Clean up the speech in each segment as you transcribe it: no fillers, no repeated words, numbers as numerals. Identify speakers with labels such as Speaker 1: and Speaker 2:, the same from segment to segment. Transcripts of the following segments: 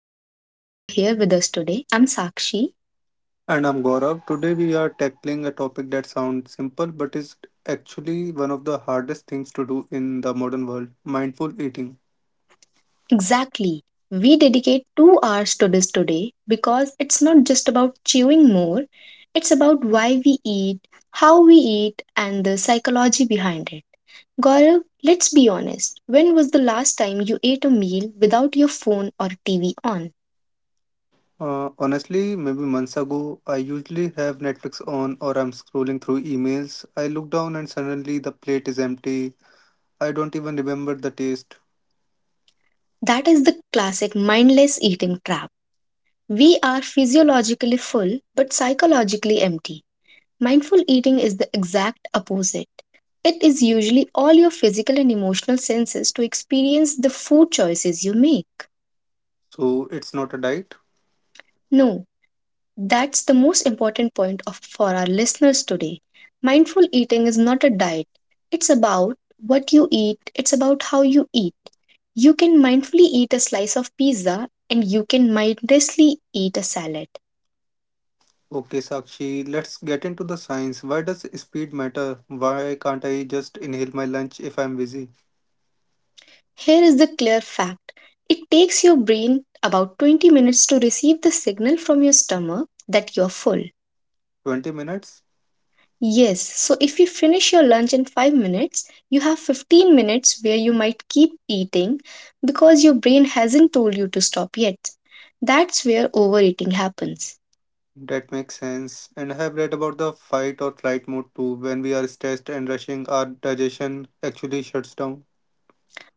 Speaker 1: really glad you are here with us today. I'm Sakshi.
Speaker 2: And I'm Gaurav. Today we are tackling a topic that sounds simple but is actually one of the hardest things to do in the modern world mindful eating.
Speaker 1: Exactly. We dedicate 2 hours to this today because it's not just about chewing more, it's about why we eat, how we eat, and the psychology behind it. Gaurav, let's be honest. When was the last time you ate a meal without your phone or TV on?
Speaker 2: Honestly, maybe months ago, I usually have Netflix on or I'm scrolling through emails. I look down and suddenly the plate is empty. I don't even remember the taste.
Speaker 1: That is the classic mindless eating trap. We are physiologically full but psychologically empty. Mindful eating is the exact opposite. It is usually all your physical and emotional senses to experience the food choices you make.
Speaker 2: So it's not a diet.
Speaker 1: No, that's the most important point for our listeners today. Mindful eating is not a diet, it's about what you eat, it's about how you eat. You can mindfully eat a slice of pizza and you can mindlessly eat a salad.
Speaker 2: Okay, Sakshi, let's get into the science. Why does speed matter? Why can't I just inhale my lunch if I'm busy?
Speaker 1: Here is the clear fact, it takes your brain about 20 minutes to receive the signal from your stomach that you're full.
Speaker 2: 20 minutes?
Speaker 1: Yes, so if you finish your lunch in 5 minutes, you have 15 minutes where you might keep eating because your brain hasn't told you to stop yet. That's where overeating happens.
Speaker 2: That makes sense. And I have read about the fight or flight mode too. When we are stressed and rushing, our digestion actually shuts down.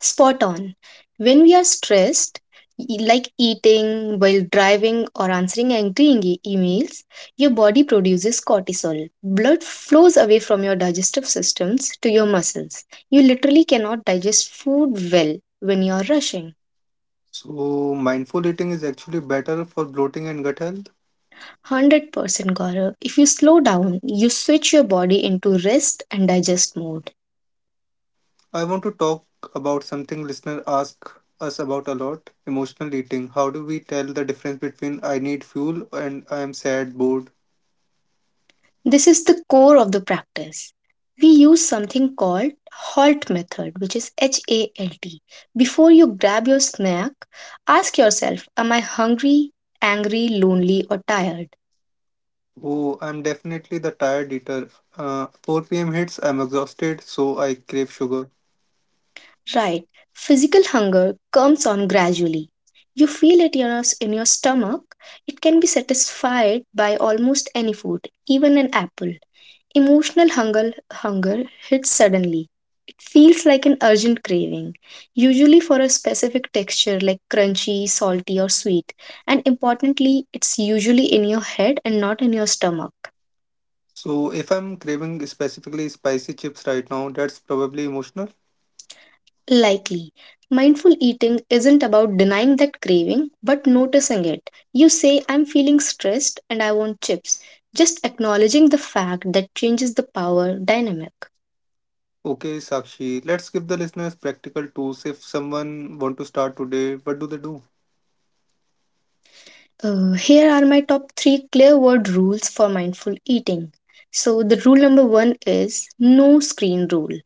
Speaker 1: Spot on. When we are stressed, like eating while driving or answering angry emails, your body produces cortisol. Blood flows away from your digestive systems to your muscles. You literally cannot digest food well when you are rushing.
Speaker 2: So, mindful eating is actually better for bloating and gut health.
Speaker 1: 100% Gaurav. If you slow down, you switch your body into rest and digest mode.
Speaker 2: I want to talk about something listener ask us about a lot emotional eating. How do we tell the difference between I need fuel and I am sad, bored?
Speaker 1: This is the core of the practice. We use something called HALT method, which is HALT. Before you grab your snack, ask yourself, am I hungry, angry, lonely, or tired?
Speaker 2: Oh, I'm definitely the tired eater. 4 p.m. hits, I'm exhausted, so I crave sugar.
Speaker 1: Right. Physical hunger comes on gradually. You feel it in your stomach. It can be satisfied by almost any food, even an apple. Emotional hunger hits suddenly. It feels like an urgent craving, usually for a specific texture like crunchy, salty, or sweet. And importantly, it's usually in your head and not in your stomach.
Speaker 2: So if I'm craving specifically spicy chips right now, that's probably emotional.
Speaker 1: Likely. Mindful eating isn't about denying that craving, but noticing it. You say, I'm feeling stressed and I want chips. Just acknowledging the fact that changes the power dynamic.
Speaker 2: Okay, Sakshi, let's give the listeners practical tools. If someone want to start today, what do they do?
Speaker 1: Here are my top three clear word rules for mindful eating. So, the rule number one is no screen rule.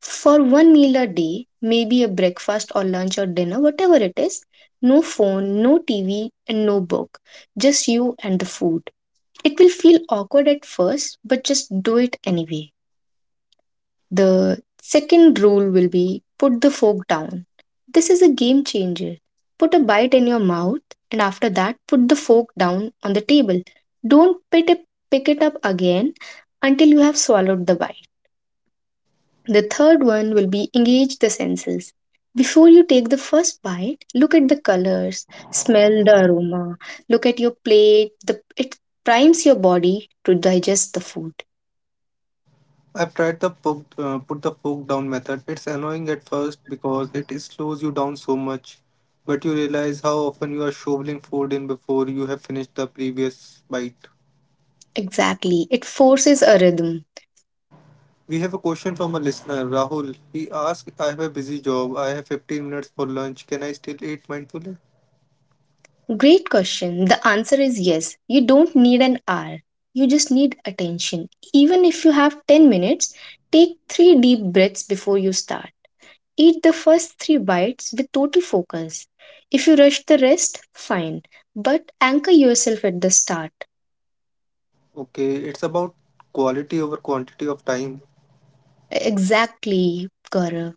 Speaker 1: For one meal a day, maybe a breakfast or lunch or dinner, whatever it is, no phone, no TV, and no book, just you and the food. It will feel awkward at first, but just do it anyway. The second rule will be, put the fork down. This is a game changer. Put a bite in your mouth, and after that, put the fork down on the table. Don't pick it up again until you have swallowed the bite. The third one will be engage the senses. Before you take the first bite, look at the colors, smell the aroma, look at your plate. It primes your body to digest the food.
Speaker 2: I've tried the fork, put the fork down method. It's annoying at first because it slows you down so much, but you realize how often you are shoveling food in before you have finished the previous bite.
Speaker 1: Exactly. It forces a rhythm.
Speaker 2: We have a question from a listener, Rahul. He asked, I have a busy job. I have 15 minutes for lunch. Can I still eat mindfully?
Speaker 1: Great question. The answer is yes. You don't need an hour. You just need attention. Even if you have 10 minutes, take three deep breaths before you start. Eat the first three bites with total focus. If you rush the rest, fine. But anchor yourself at the start.
Speaker 2: Okay, it's about quality over quantity of time.
Speaker 1: Exactly, Gaurav.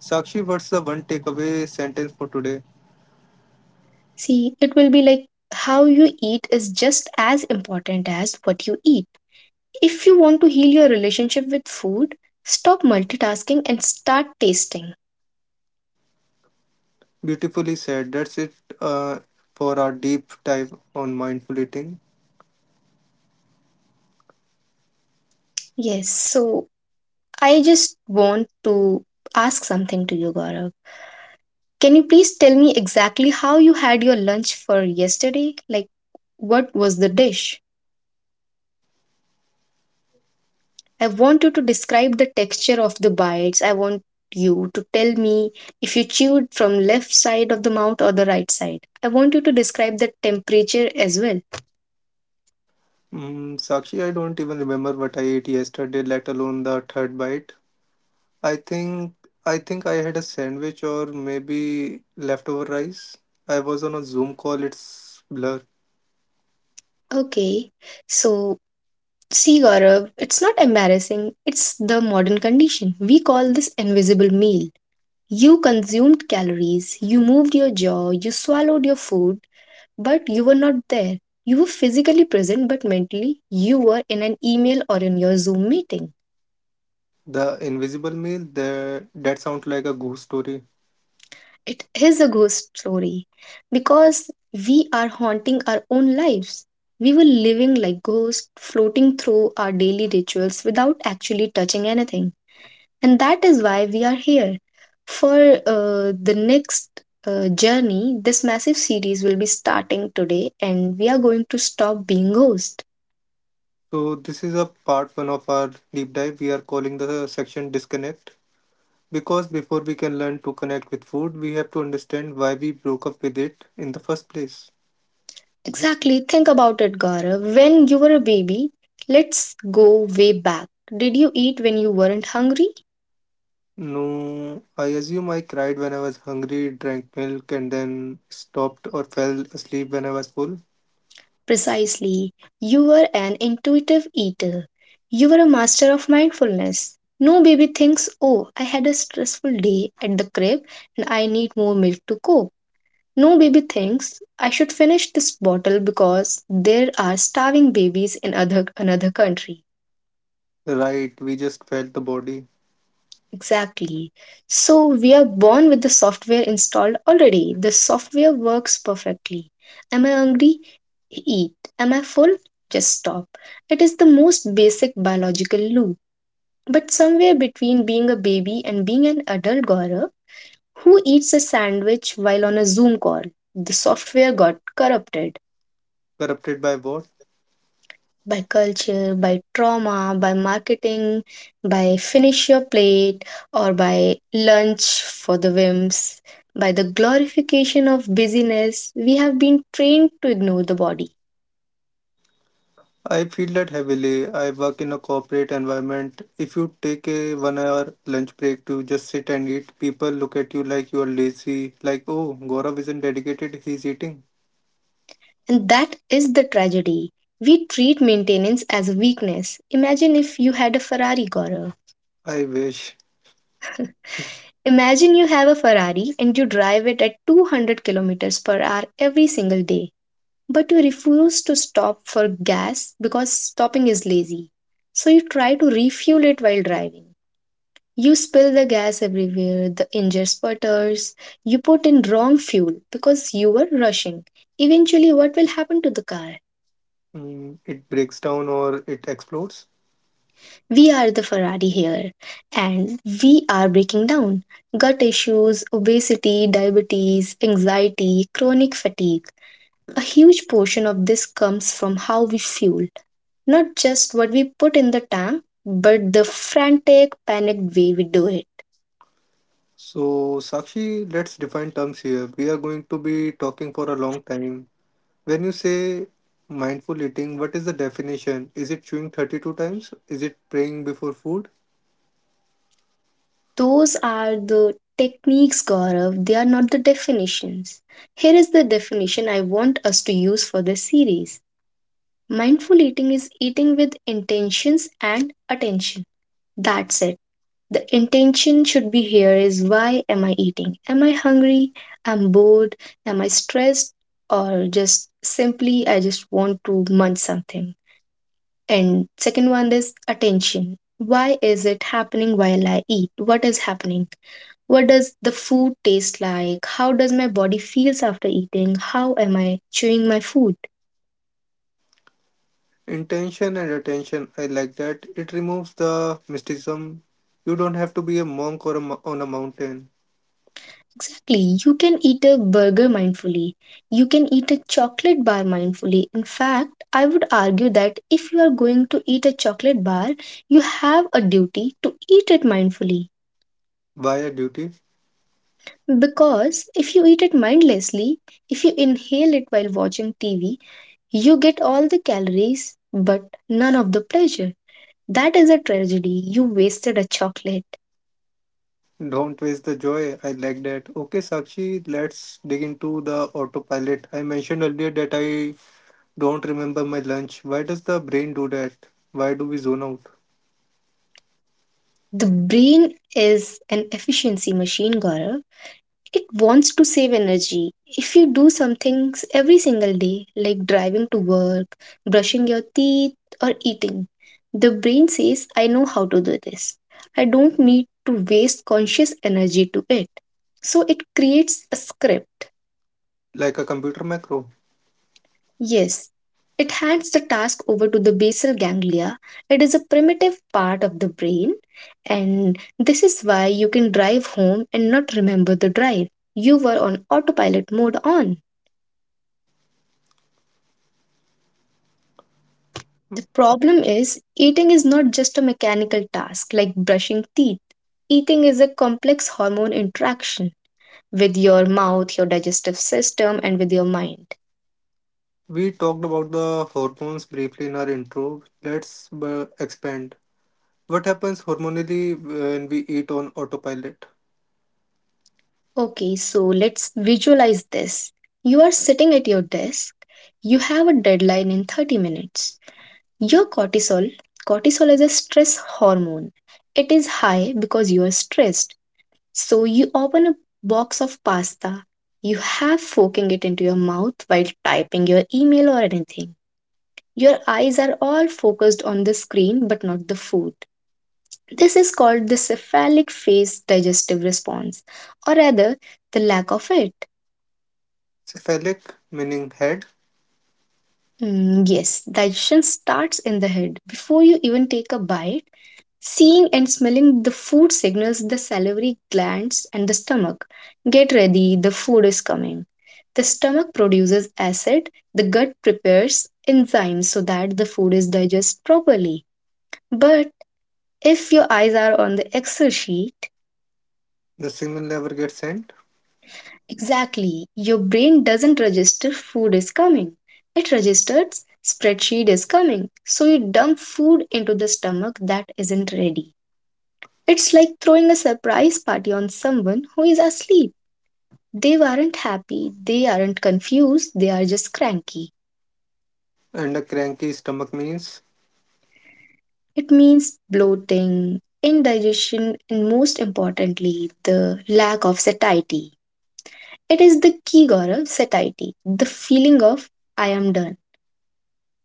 Speaker 2: Sakshi, what's the one takeaway sentence for today?
Speaker 1: See, it will be like, how you eat is just as important as what you eat. If you want to heal your relationship with food, stop multitasking and start tasting.
Speaker 2: Beautifully said. That's it uh, for our deep dive on mindful eating.
Speaker 1: Yes, so I just want to ask something to you, Gaurav. Can you please tell me exactly how you had your lunch for yesterday? Like, what was the dish? I want you to describe the texture of the bites. I want you to tell me if you chewed from left side of the mouth or the right side. I want you to describe the temperature as well.
Speaker 2: Mm, Sakshi, I don't even remember what I ate yesterday, let alone the third bite. I think I think I had a sandwich or maybe leftover rice. I was on a Zoom call. It's blur.
Speaker 1: Okay, so see, Gaurav, it's not embarrassing. It's the modern condition. We call this invisible meal. You consumed calories, you moved your jaw, you swallowed your food, but you were not there. You were physically present, but mentally, you were in an email or in your Zoom meeting.
Speaker 2: The invisible meal. The That sounds like a ghost story.
Speaker 1: It is a ghost story because we are haunting our own lives. We were living like ghosts, floating through our daily rituals without actually touching anything. And that is why we are here. For the next journey, this massive series will be starting today, and we are going to stop being ghosts.
Speaker 2: So this is a part one of our deep dive. We are calling the section disconnect because before we can learn to connect with food, we have to understand why we broke up with it in the first place.
Speaker 1: Exactly. Think about it, Gaurav. When you were a baby, let's go way back. Did you eat when you weren't hungry?
Speaker 2: No, I assume I cried when I was hungry, drank milk, and then stopped or fell asleep when I was full.
Speaker 1: Precisely. You were an intuitive eater. You were a master of mindfulness. No baby thinks, oh, I had a stressful day at the crib and I need more milk to cope. No baby thinks I should finish this bottle because there are starving babies in other another country.
Speaker 2: Right, we just felt the body.
Speaker 1: Exactly. So we are born with the software installed already. The software works perfectly. Am I hungry? Eat. Am I full? Just stop. It is the most basic biological loop. But somewhere between being a baby and being an adult Gaurav, who eats a sandwich while on a Zoom call, the software got corrupted.
Speaker 2: Corrupted by what?
Speaker 1: By culture, by trauma, by marketing, by finish your plate, or by lunch for the whims, by the glorification of busyness, we have been trained to ignore the body.
Speaker 2: I feel that heavily. I work in a corporate environment. If you take a 1 hour lunch break to just sit and eat, people look at you like you're lazy, like, oh, Gaurav isn't dedicated, he's eating.
Speaker 1: And that is the tragedy. We treat maintenance as a weakness. Imagine if you had a Ferrari, Gaurav.
Speaker 2: I wish.
Speaker 1: Imagine you have a Ferrari and you drive it at 200 kilometers per hour every single day, but you refuse to stop for gas because stopping is lazy. So you try to refuel it while driving. You spill the gas everywhere, the engine sputters, you put in wrong fuel because you were rushing. Eventually, what will happen to the car?
Speaker 2: Mm, it breaks down or it explodes.
Speaker 1: We are the Ferrari here and we are breaking down. Gut issues, obesity, diabetes, anxiety, chronic fatigue. A huge portion of this comes from how we fuel, not just what we put in the tank, but the frantic, panicked way we do it.
Speaker 2: So, Sakshi, let's define terms here. We are going to be talking for a long time. When you say mindful eating, what is the definition? Is it chewing 32 times? Is it praying before food?
Speaker 1: Those are the techniques, Gaurav, they are not the definitions. Here is the definition I want us to use for this series. Mindful eating is eating with intentions and attention. That's it. The intention should be here is, why am I eating? Am I hungry? I'm bored? Am I stressed? Or just simply I just want to munch something? And second one is attention. Why is it happening while I eat? What is happening? What does the food taste like? How does my body feels after eating? How am I chewing my food?
Speaker 2: Intention and attention, I like that. It removes the mysticism. You don't have to be a monk or a, on a mountain.
Speaker 1: Exactly. You can eat a burger mindfully. You can eat a chocolate bar mindfully. In fact, I would argue that if you are going to eat a chocolate bar, you have a duty to eat it mindfully.
Speaker 2: Why a duty?
Speaker 1: Because if you eat it mindlessly, if you inhale it while watching TV, you get all the calories but none of the pleasure. That is a tragedy. You wasted a chocolate.
Speaker 2: Don't waste the joy. I like that. Okay, Sakshi, let's dig into the autopilot. I mentioned earlier that I don't remember my lunch. Why does the brain do that? Why do we zone out?
Speaker 1: The brain is an efficiency machine, Gaurav. It wants to save energy. If you do some things every single day, like driving to work, brushing your teeth, or eating, the brain says, I know how to do this. I don't need to waste conscious energy to it. So it creates a script.
Speaker 2: Like a computer macro.
Speaker 1: Yes, it hands the task over to the basal ganglia. It is a primitive part of the brain, and this is why you can drive home and not remember the drive. You were on autopilot mode on. The problem is, eating is not just a mechanical task like brushing teeth. Eating is a complex hormone interaction with your mouth, your digestive system, and with your mind.
Speaker 2: We talked about the hormones briefly in our intro. Let's expand. What happens hormonally when we eat on autopilot?
Speaker 1: Okay, so let's visualize this. You are sitting at your desk. You have a deadline in 30 minutes. Your cortisol, cortisol is a stress hormone. It is high because you are stressed. So you open a box of pasta, you have forking it into your mouth while typing your email or anything. Your eyes are all focused on the screen but not the food. This is called the cephalic phase digestive response, or rather, the lack of it.
Speaker 2: Cephalic meaning head,
Speaker 1: Mm, yes, digestion starts in the head. Before you even take a bite, seeing and smelling the food signals the salivary glands and the stomach. Get ready, the food is coming. The stomach produces acid, the gut prepares enzymes so that the food is digested properly. But if your eyes are on the Excel sheet,
Speaker 2: the signal never gets sent,
Speaker 1: exactly, your brain doesn't register food is coming. It registers spreadsheet is coming. So you dump food into the stomach that isn't ready. It's like throwing a surprise party on someone who is asleep. They aren't happy, they aren't confused, they are just cranky.
Speaker 2: and a cranky stomach means
Speaker 1: It means bloating, indigestion, and most importantly, the lack of satiety. It is the key Gaurav, satiety, the feeling of I am done.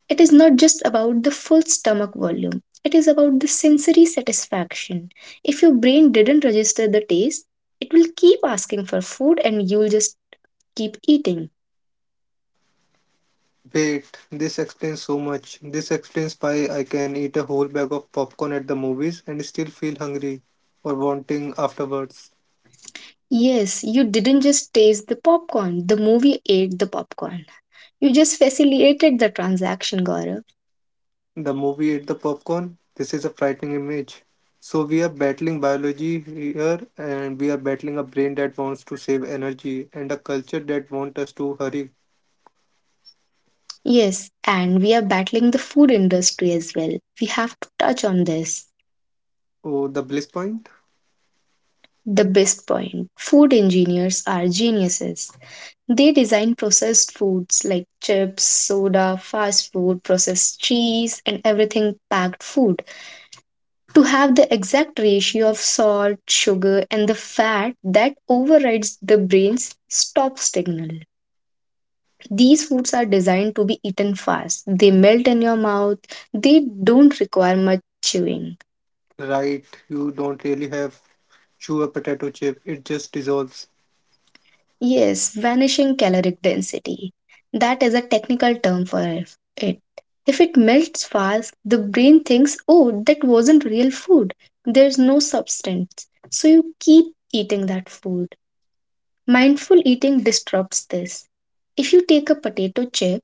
Speaker 1: It is not just about the full stomach volume, it is about the sensory satisfaction. If your brain didn't register the taste, it will keep asking for food and you'll just keep eating.
Speaker 2: wait, this explains so much. This explains why I can eat a whole bag of popcorn at the movies and still feel hungry or wanting afterwards.
Speaker 1: Yes, you didn't just taste the popcorn, the movie ate the popcorn. You just facilitated the transaction, Gaurav.
Speaker 2: The movie ate the popcorn. This is a frightening image. So we are battling biology here and we are battling a brain that wants to save energy and a culture that wants us to hurry.
Speaker 1: Yes, and we are battling the food industry as well. We have to touch on this.
Speaker 2: Oh, the bliss point?
Speaker 1: The best point food engineers are geniuses. They design processed foods like chips, soda, fast food, processed cheese, and everything packed food to have the exact ratio of salt, sugar, and the fat that overrides the brain's stop signal. These foods are designed to be eaten fast. They melt in your mouth. They don't require much chewing.
Speaker 2: Right, you don't really have chew a potato chip, it just dissolves.
Speaker 1: Yes, vanishing caloric density. That is a technical term for it. If it melts fast, the brain thinks, oh, that wasn't real food. There's no substance. So you keep eating that food. Mindful eating disrupts this. If you take a potato chip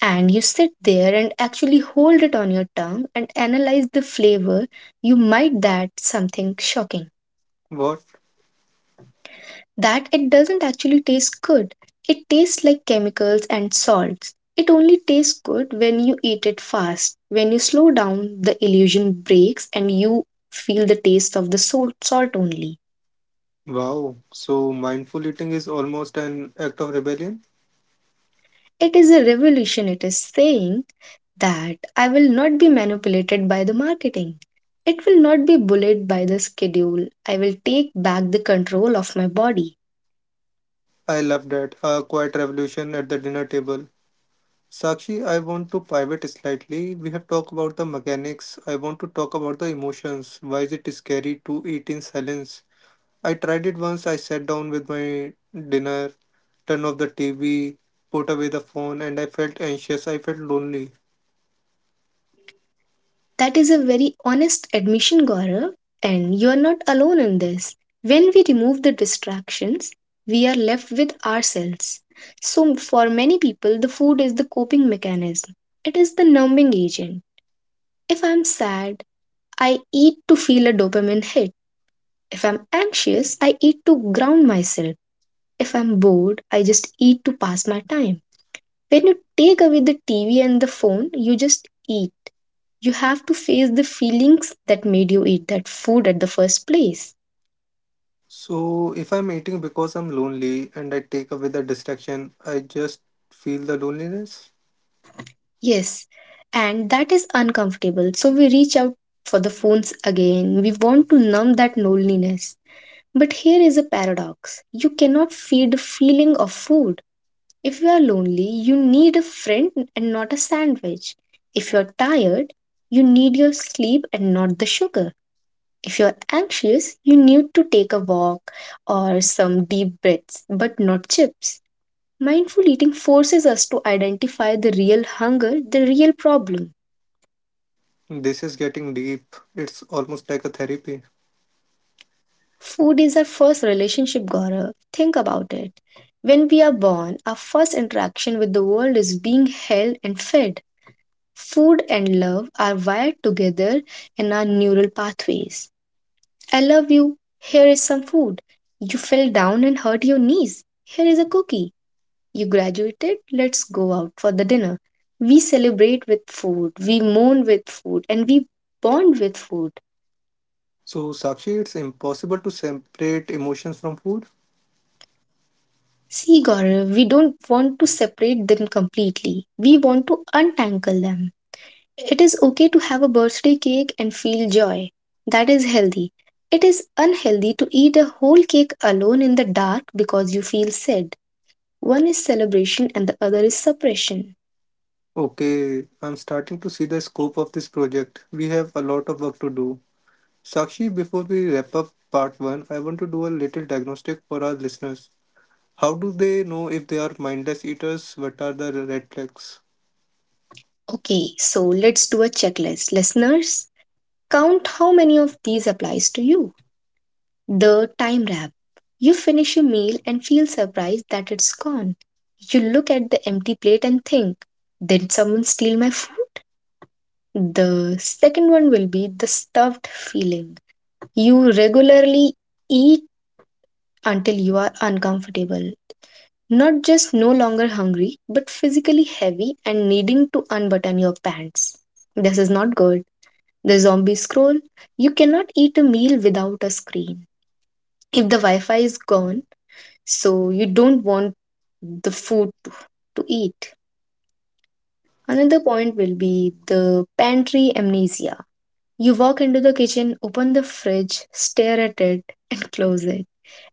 Speaker 1: and you sit there and actually hold it on your tongue and analyze the flavor, you might that something shocking.
Speaker 2: What?
Speaker 1: That it doesn't actually taste good. It tastes like chemicals and salts. It only tastes good when you eat it fast. When you slow down, the illusion breaks and you feel the taste of the salt, salt only.
Speaker 2: Wow. So mindful eating is almost an act of rebellion?
Speaker 1: It is a revolution. It is saying that I will not be manipulated by the marketing. It will not be bullied by the schedule. I will take back the control of my body.
Speaker 2: I love that. A quiet revolution at the dinner table. Sakshi, I want to pivot slightly. We have talked about the mechanics. I want to talk about the emotions. Why is it scary to eat in silence? I tried it once. I sat down with my dinner, turned off the TV, put away the phone, and I felt anxious. I felt lonely.
Speaker 1: That is a very honest admission, Gaurav, and you are not alone in this. When we remove the distractions, we are left with ourselves. So, for many people, the food is the coping mechanism, it is the numbing agent. If I'm sad, I eat to feel a dopamine hit. If I'm anxious, I eat to ground myself. If I'm bored, I just eat to pass my time. When you take away the TV and the phone, you just eat. You have to face the feelings that made you eat that food at the first place.
Speaker 2: So, if I'm eating because I'm lonely and I take away the distraction, I just feel the loneliness.
Speaker 1: Yes, and that is uncomfortable. So we reach out for the phones again. We want to numb that loneliness. But here is a paradox: you cannot feed the feeling of food. If you are lonely, you need a friend and not a sandwich. If you're tired, you need your sleep and not the sugar. If you're anxious, you need to take a walk or some deep breaths, but not chips. Mindful eating forces us to identify the real hunger, the real problem.
Speaker 2: This is getting deep. It's almost like a therapy.
Speaker 1: Food is our first relationship, Gaurav. Think about it. When we are born, our first interaction with the world is being held and fed. Food and love are wired together in our neural pathways. I love you. Here is some food. You fell down and hurt your knees. Here is a cookie. You graduated. Let's go out for the dinner. We celebrate with food, we mourn with food, and we bond with food.
Speaker 2: So, Sakshi, it's impossible to separate emotions from food.
Speaker 1: See, Gaurav, we don't want to separate them completely. We want to untangle them. It is okay to have a birthday cake and feel joy. That is healthy. It is unhealthy to eat a whole cake alone in the dark because you feel sad. One is celebration and the other is suppression.
Speaker 2: Okay, I'm starting to see the scope of this project. We have a lot of work to do. Sakshi, before we wrap up part one, I want to do a little diagnostic for our listeners. How do they know if they are mindless eaters? What are the red flags?
Speaker 1: Okay, so let's do a checklist. Listeners, count how many of these applies to you. The time wrap. You finish a meal and feel surprised that it's gone. You look at the empty plate and think, did someone steal my food? The second one will be the stuffed feeling. You regularly eat until you are uncomfortable. Not just no longer hungry, but physically heavy and needing to unbutton your pants. This is not good. The zombie scroll. You cannot eat a meal without a screen. If the Wi Fi is gone, so you don't want the food to eat. Another point will be the pantry amnesia. You walk into the kitchen, open the fridge, stare at it, and close it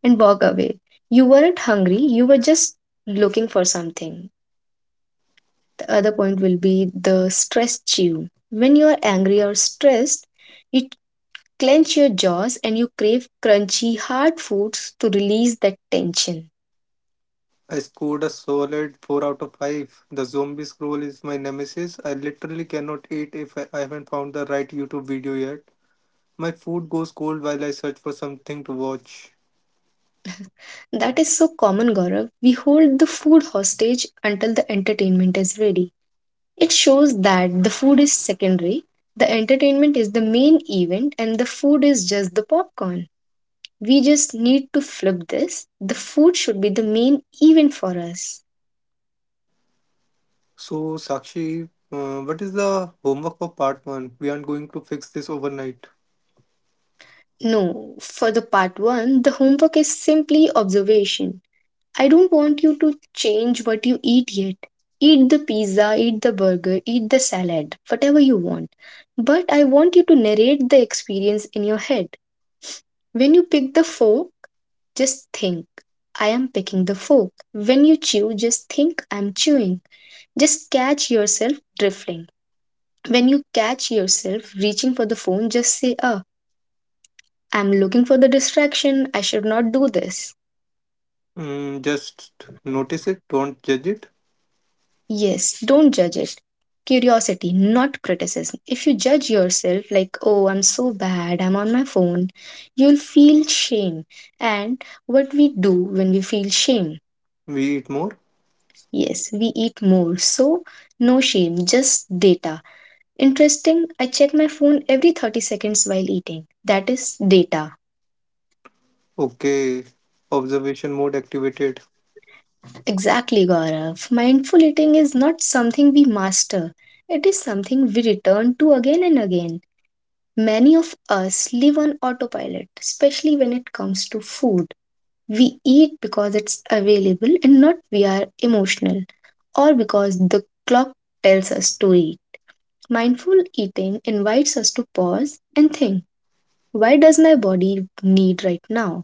Speaker 1: and walk away. You weren't hungry, you were just looking for something. The other point will be the stress chew. When you are angry or stressed, you clench your jaws and you crave crunchy, hard foods to release that tension.
Speaker 2: I scored a solid 4 out of 5. The zombie scroll is my nemesis. I literally cannot eat if I haven't found the right YouTube video yet. My food goes cold while I search for something to watch.
Speaker 1: That is so common, Gaurav. We hold the food hostage until the entertainment is ready. It shows that the food is secondary, the entertainment is the main event, and the food is just the popcorn. We just need to flip this. The food should be the main event for us.
Speaker 2: So, Sakshi, what is the homework for part 1? We aren't going to fix this overnight.
Speaker 1: No, for the part one, the homework is simply observation. I don't want you to change what you eat yet. Eat the pizza, eat the burger, eat the salad, whatever you want. But I want you to narrate the experience in your head. When you pick the fork, just think, I am picking the fork. When you chew, just think, I'm chewing. Just catch yourself drifting. When you catch yourself reaching for the phone, just say, ah, I'm looking for the distraction. I should not do this.
Speaker 2: Mm, just notice it, don't judge it.
Speaker 1: Yes, don't judge it. Curiosity, not criticism. If you judge yourself like, oh, I'm so bad, I'm on my phone, you'll feel shame. And what we do when we feel shame?
Speaker 2: We eat more.
Speaker 1: Yes, we eat more. So, no shame, just data. Interesting, I check my phone every 30 seconds while eating. That is data.
Speaker 2: Okay, observation mode activated.
Speaker 1: Exactly, Gaurav. Mindful eating is not something we master, it is something we return to again and again. Many of us live on autopilot, especially when it comes to food. We eat because it's available and not we are emotional or because the clock tells us to eat. Mindful eating invites us to pause and think, why does my body need right now?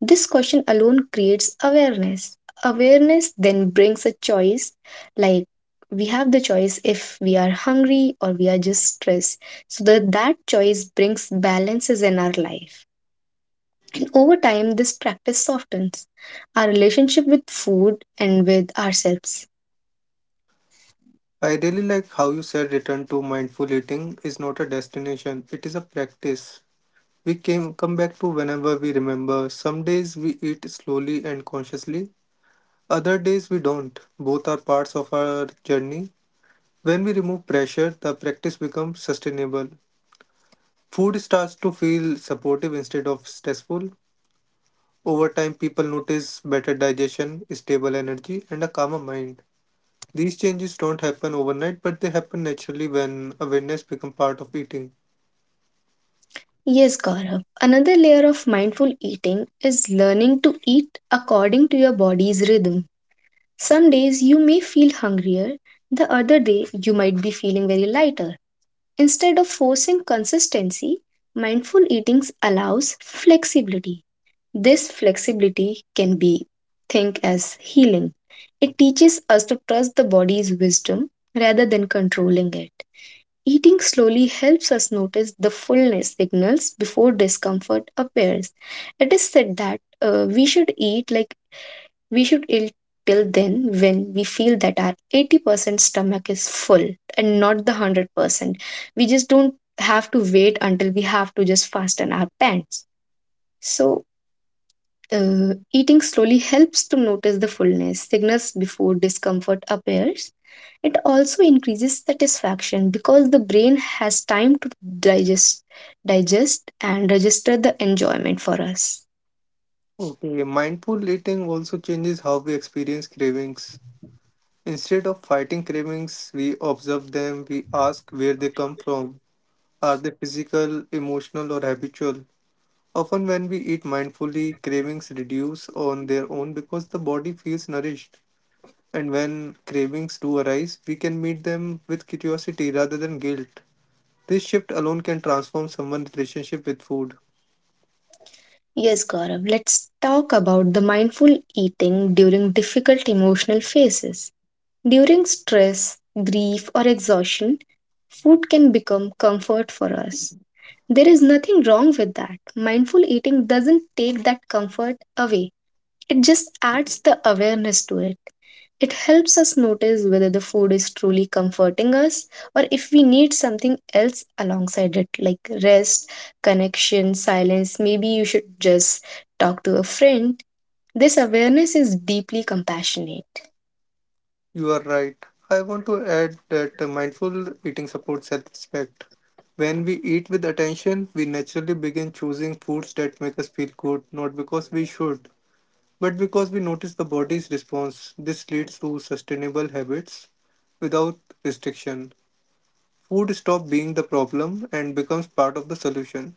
Speaker 1: This question alone creates awareness. Awareness then brings a choice, like we have the choice if we are hungry or we are just stressed. So that choice brings balances in our life. And over time, this practice softens our relationship with food and with ourselves.
Speaker 2: I really like how you said return to mindful eating is not a destination, it is a practice. We came come back to whenever we remember. Some days we eat slowly and consciously, other days we don't. Both are parts of our journey. When we remove pressure, the practice becomes sustainable. Food starts to feel supportive instead of stressful. Over time, people notice better digestion, stable energy, and a calmer mind. These changes don't happen overnight, but they happen naturally when awareness becomes part of eating.
Speaker 1: Yes, Gaurav. Another layer of mindful eating is learning to eat according to your body's rhythm. Some days you may feel hungrier, the other day you might be feeling very lighter. Instead of forcing consistency, mindful eating allows flexibility. This flexibility can be think as healing. It teaches us to trust the body's wisdom rather than controlling it. Eating slowly helps us notice the fullness signals before discomfort appears. It is said that we should eat like we should eat till then when we feel that our 80% stomach is full and not the 100%. We just don't have to wait until we have to just fasten our pants. So, eating slowly helps to notice the fullness signals before discomfort appears. It also increases satisfaction because the brain has time to digest, digest and register the enjoyment for us.
Speaker 2: Okay, mindful eating also changes how we experience cravings. Instead of fighting cravings, we observe them, we ask where they come from. Are they physical, emotional, or habitual? Often, when we eat mindfully, cravings reduce on their own because the body feels nourished. And when cravings do arise, we can meet them with curiosity rather than guilt. This shift alone can transform someone's relationship with food.
Speaker 1: Yes, Gaurav, let's talk about the mindful eating during difficult emotional phases. During stress, grief, or exhaustion, food can become comfort for us. There is nothing wrong with that. Mindful eating doesn't take that comfort away. It just adds the awareness to it. It helps us notice whether the food is truly comforting us or if we need something else alongside it, like rest, connection, silence. Maybe you should just talk to a friend. This awareness is deeply compassionate.
Speaker 2: You are right. I want to add that mindful eating supports self-respect. When we eat with attention, we naturally begin choosing foods that make us feel good, not because we should, but because we notice the body's response. This leads to sustainable habits without restriction. Food stops being the problem and becomes part of the solution.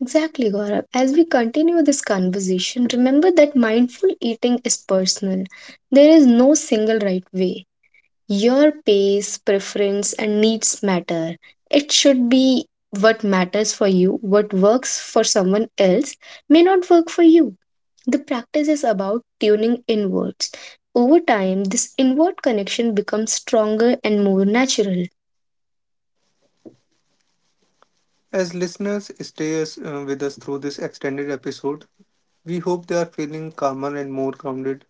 Speaker 1: Exactly, Gaurav. As we continue this conversation, remember that mindful eating is personal. There is no single right way. Your pace, preference, and needs matter. It should be what matters for you; what works for someone else may not work for you. The practice is about tuning inwards. Over time, this inward connection becomes stronger and more natural.
Speaker 2: As listeners stay us, with us through this extended episode, we hope they are feeling calmer and more grounded.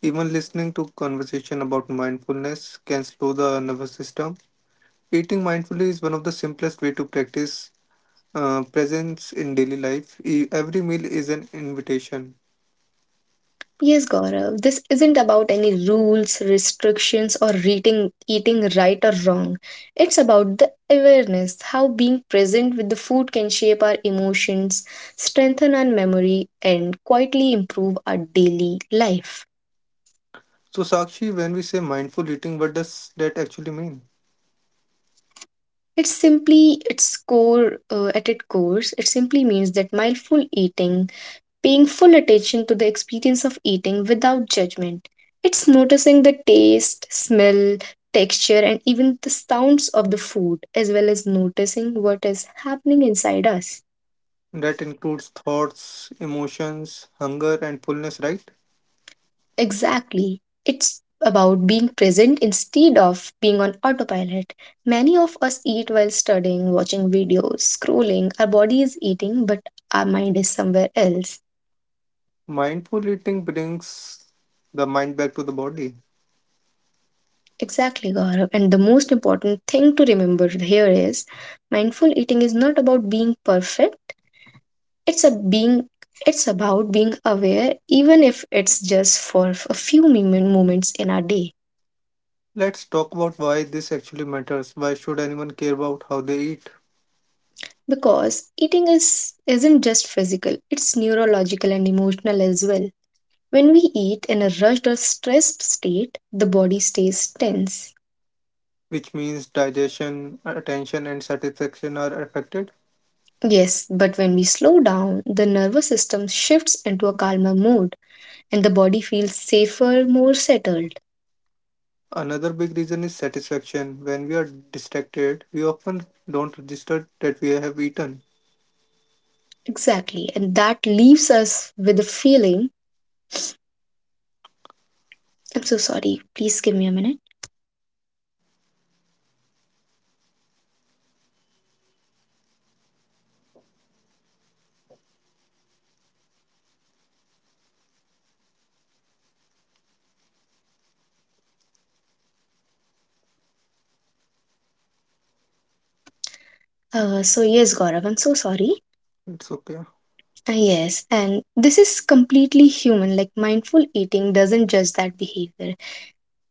Speaker 2: Even listening to conversation about mindfulness can slow the nervous system. Eating mindfully is one of the simplest way to practice presence in daily life. Every meal is an invitation.
Speaker 1: Yes, Gaurav, this isn't about any rules, restrictions, or eating right or wrong. It's about the awareness, how being present with the food can shape our emotions, strengthen our memory, and quietly improve our daily life.
Speaker 2: So Sakshi, when we say mindful eating, what does that actually mean?
Speaker 1: It's simply its core, at its core, it simply means that mindful eating, paying full attention to the experience of eating without judgment. It's noticing the taste, smell, texture and even the sounds of the food as well as noticing what is happening inside us.
Speaker 2: That includes thoughts, emotions, hunger, and fullness, right?
Speaker 1: Exactly. It's about being present instead of being on autopilot. Many of us eat while studying, watching videos, scrolling. Our body is eating, but our mind is somewhere else.
Speaker 2: Mindful eating brings the mind back to the body.
Speaker 1: Exactly, Gaurav. And the most important thing to remember here is mindful eating is not about being perfect. It's a being it's about being aware even if it's just for a few moments in our day.
Speaker 2: Let's talk about why this actually matters. Why should anyone care about how they eat?
Speaker 1: Because eating is isn't just physical, it's neurological and emotional as well. When we eat in a rushed or stressed state, the body stays tense.
Speaker 2: Which means digestion, attention, and satisfaction are affected.
Speaker 1: Yes, but when we slow down, the nervous system shifts into a calmer mode and the body feels safer, more settled.
Speaker 2: Another big reason is satisfaction. When we are distracted, we often don't register that we have eaten.
Speaker 1: Exactly. And that leaves us with a feeling. I'm so sorry. Please give me a minute. So yes, Gaurav, I'm so sorry.
Speaker 2: It's okay.
Speaker 1: Yes, and this is completely human. Like, mindful eating doesn't judge that behavior.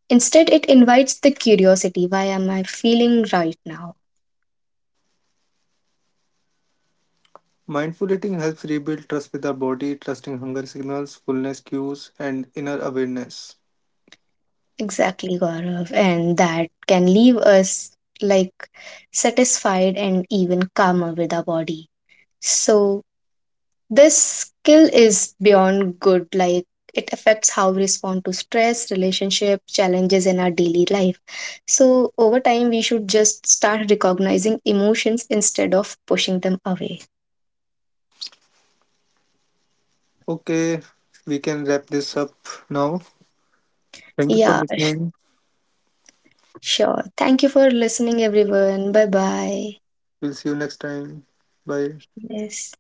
Speaker 1: Instead, it invites the curiosity, why am I feeling right now?
Speaker 2: Mindful eating helps rebuild trust with our body, trusting hunger signals, fullness cues, and inner awareness.
Speaker 1: Exactly, Gaurav. And that can leave us like satisfied and even calmer with our body. So, this skill is beyond good, like it affects how we respond to stress, relationship, challenges in our daily life. So over time, we should just start recognizing emotions instead of pushing them away.
Speaker 2: Okay, we can wrap this up now. Thank you for
Speaker 1: Yeah,
Speaker 2: listening.
Speaker 1: sure. Thank you for listening, everyone. Bye bye.
Speaker 2: We'll see you next time. Bye.
Speaker 1: Yes.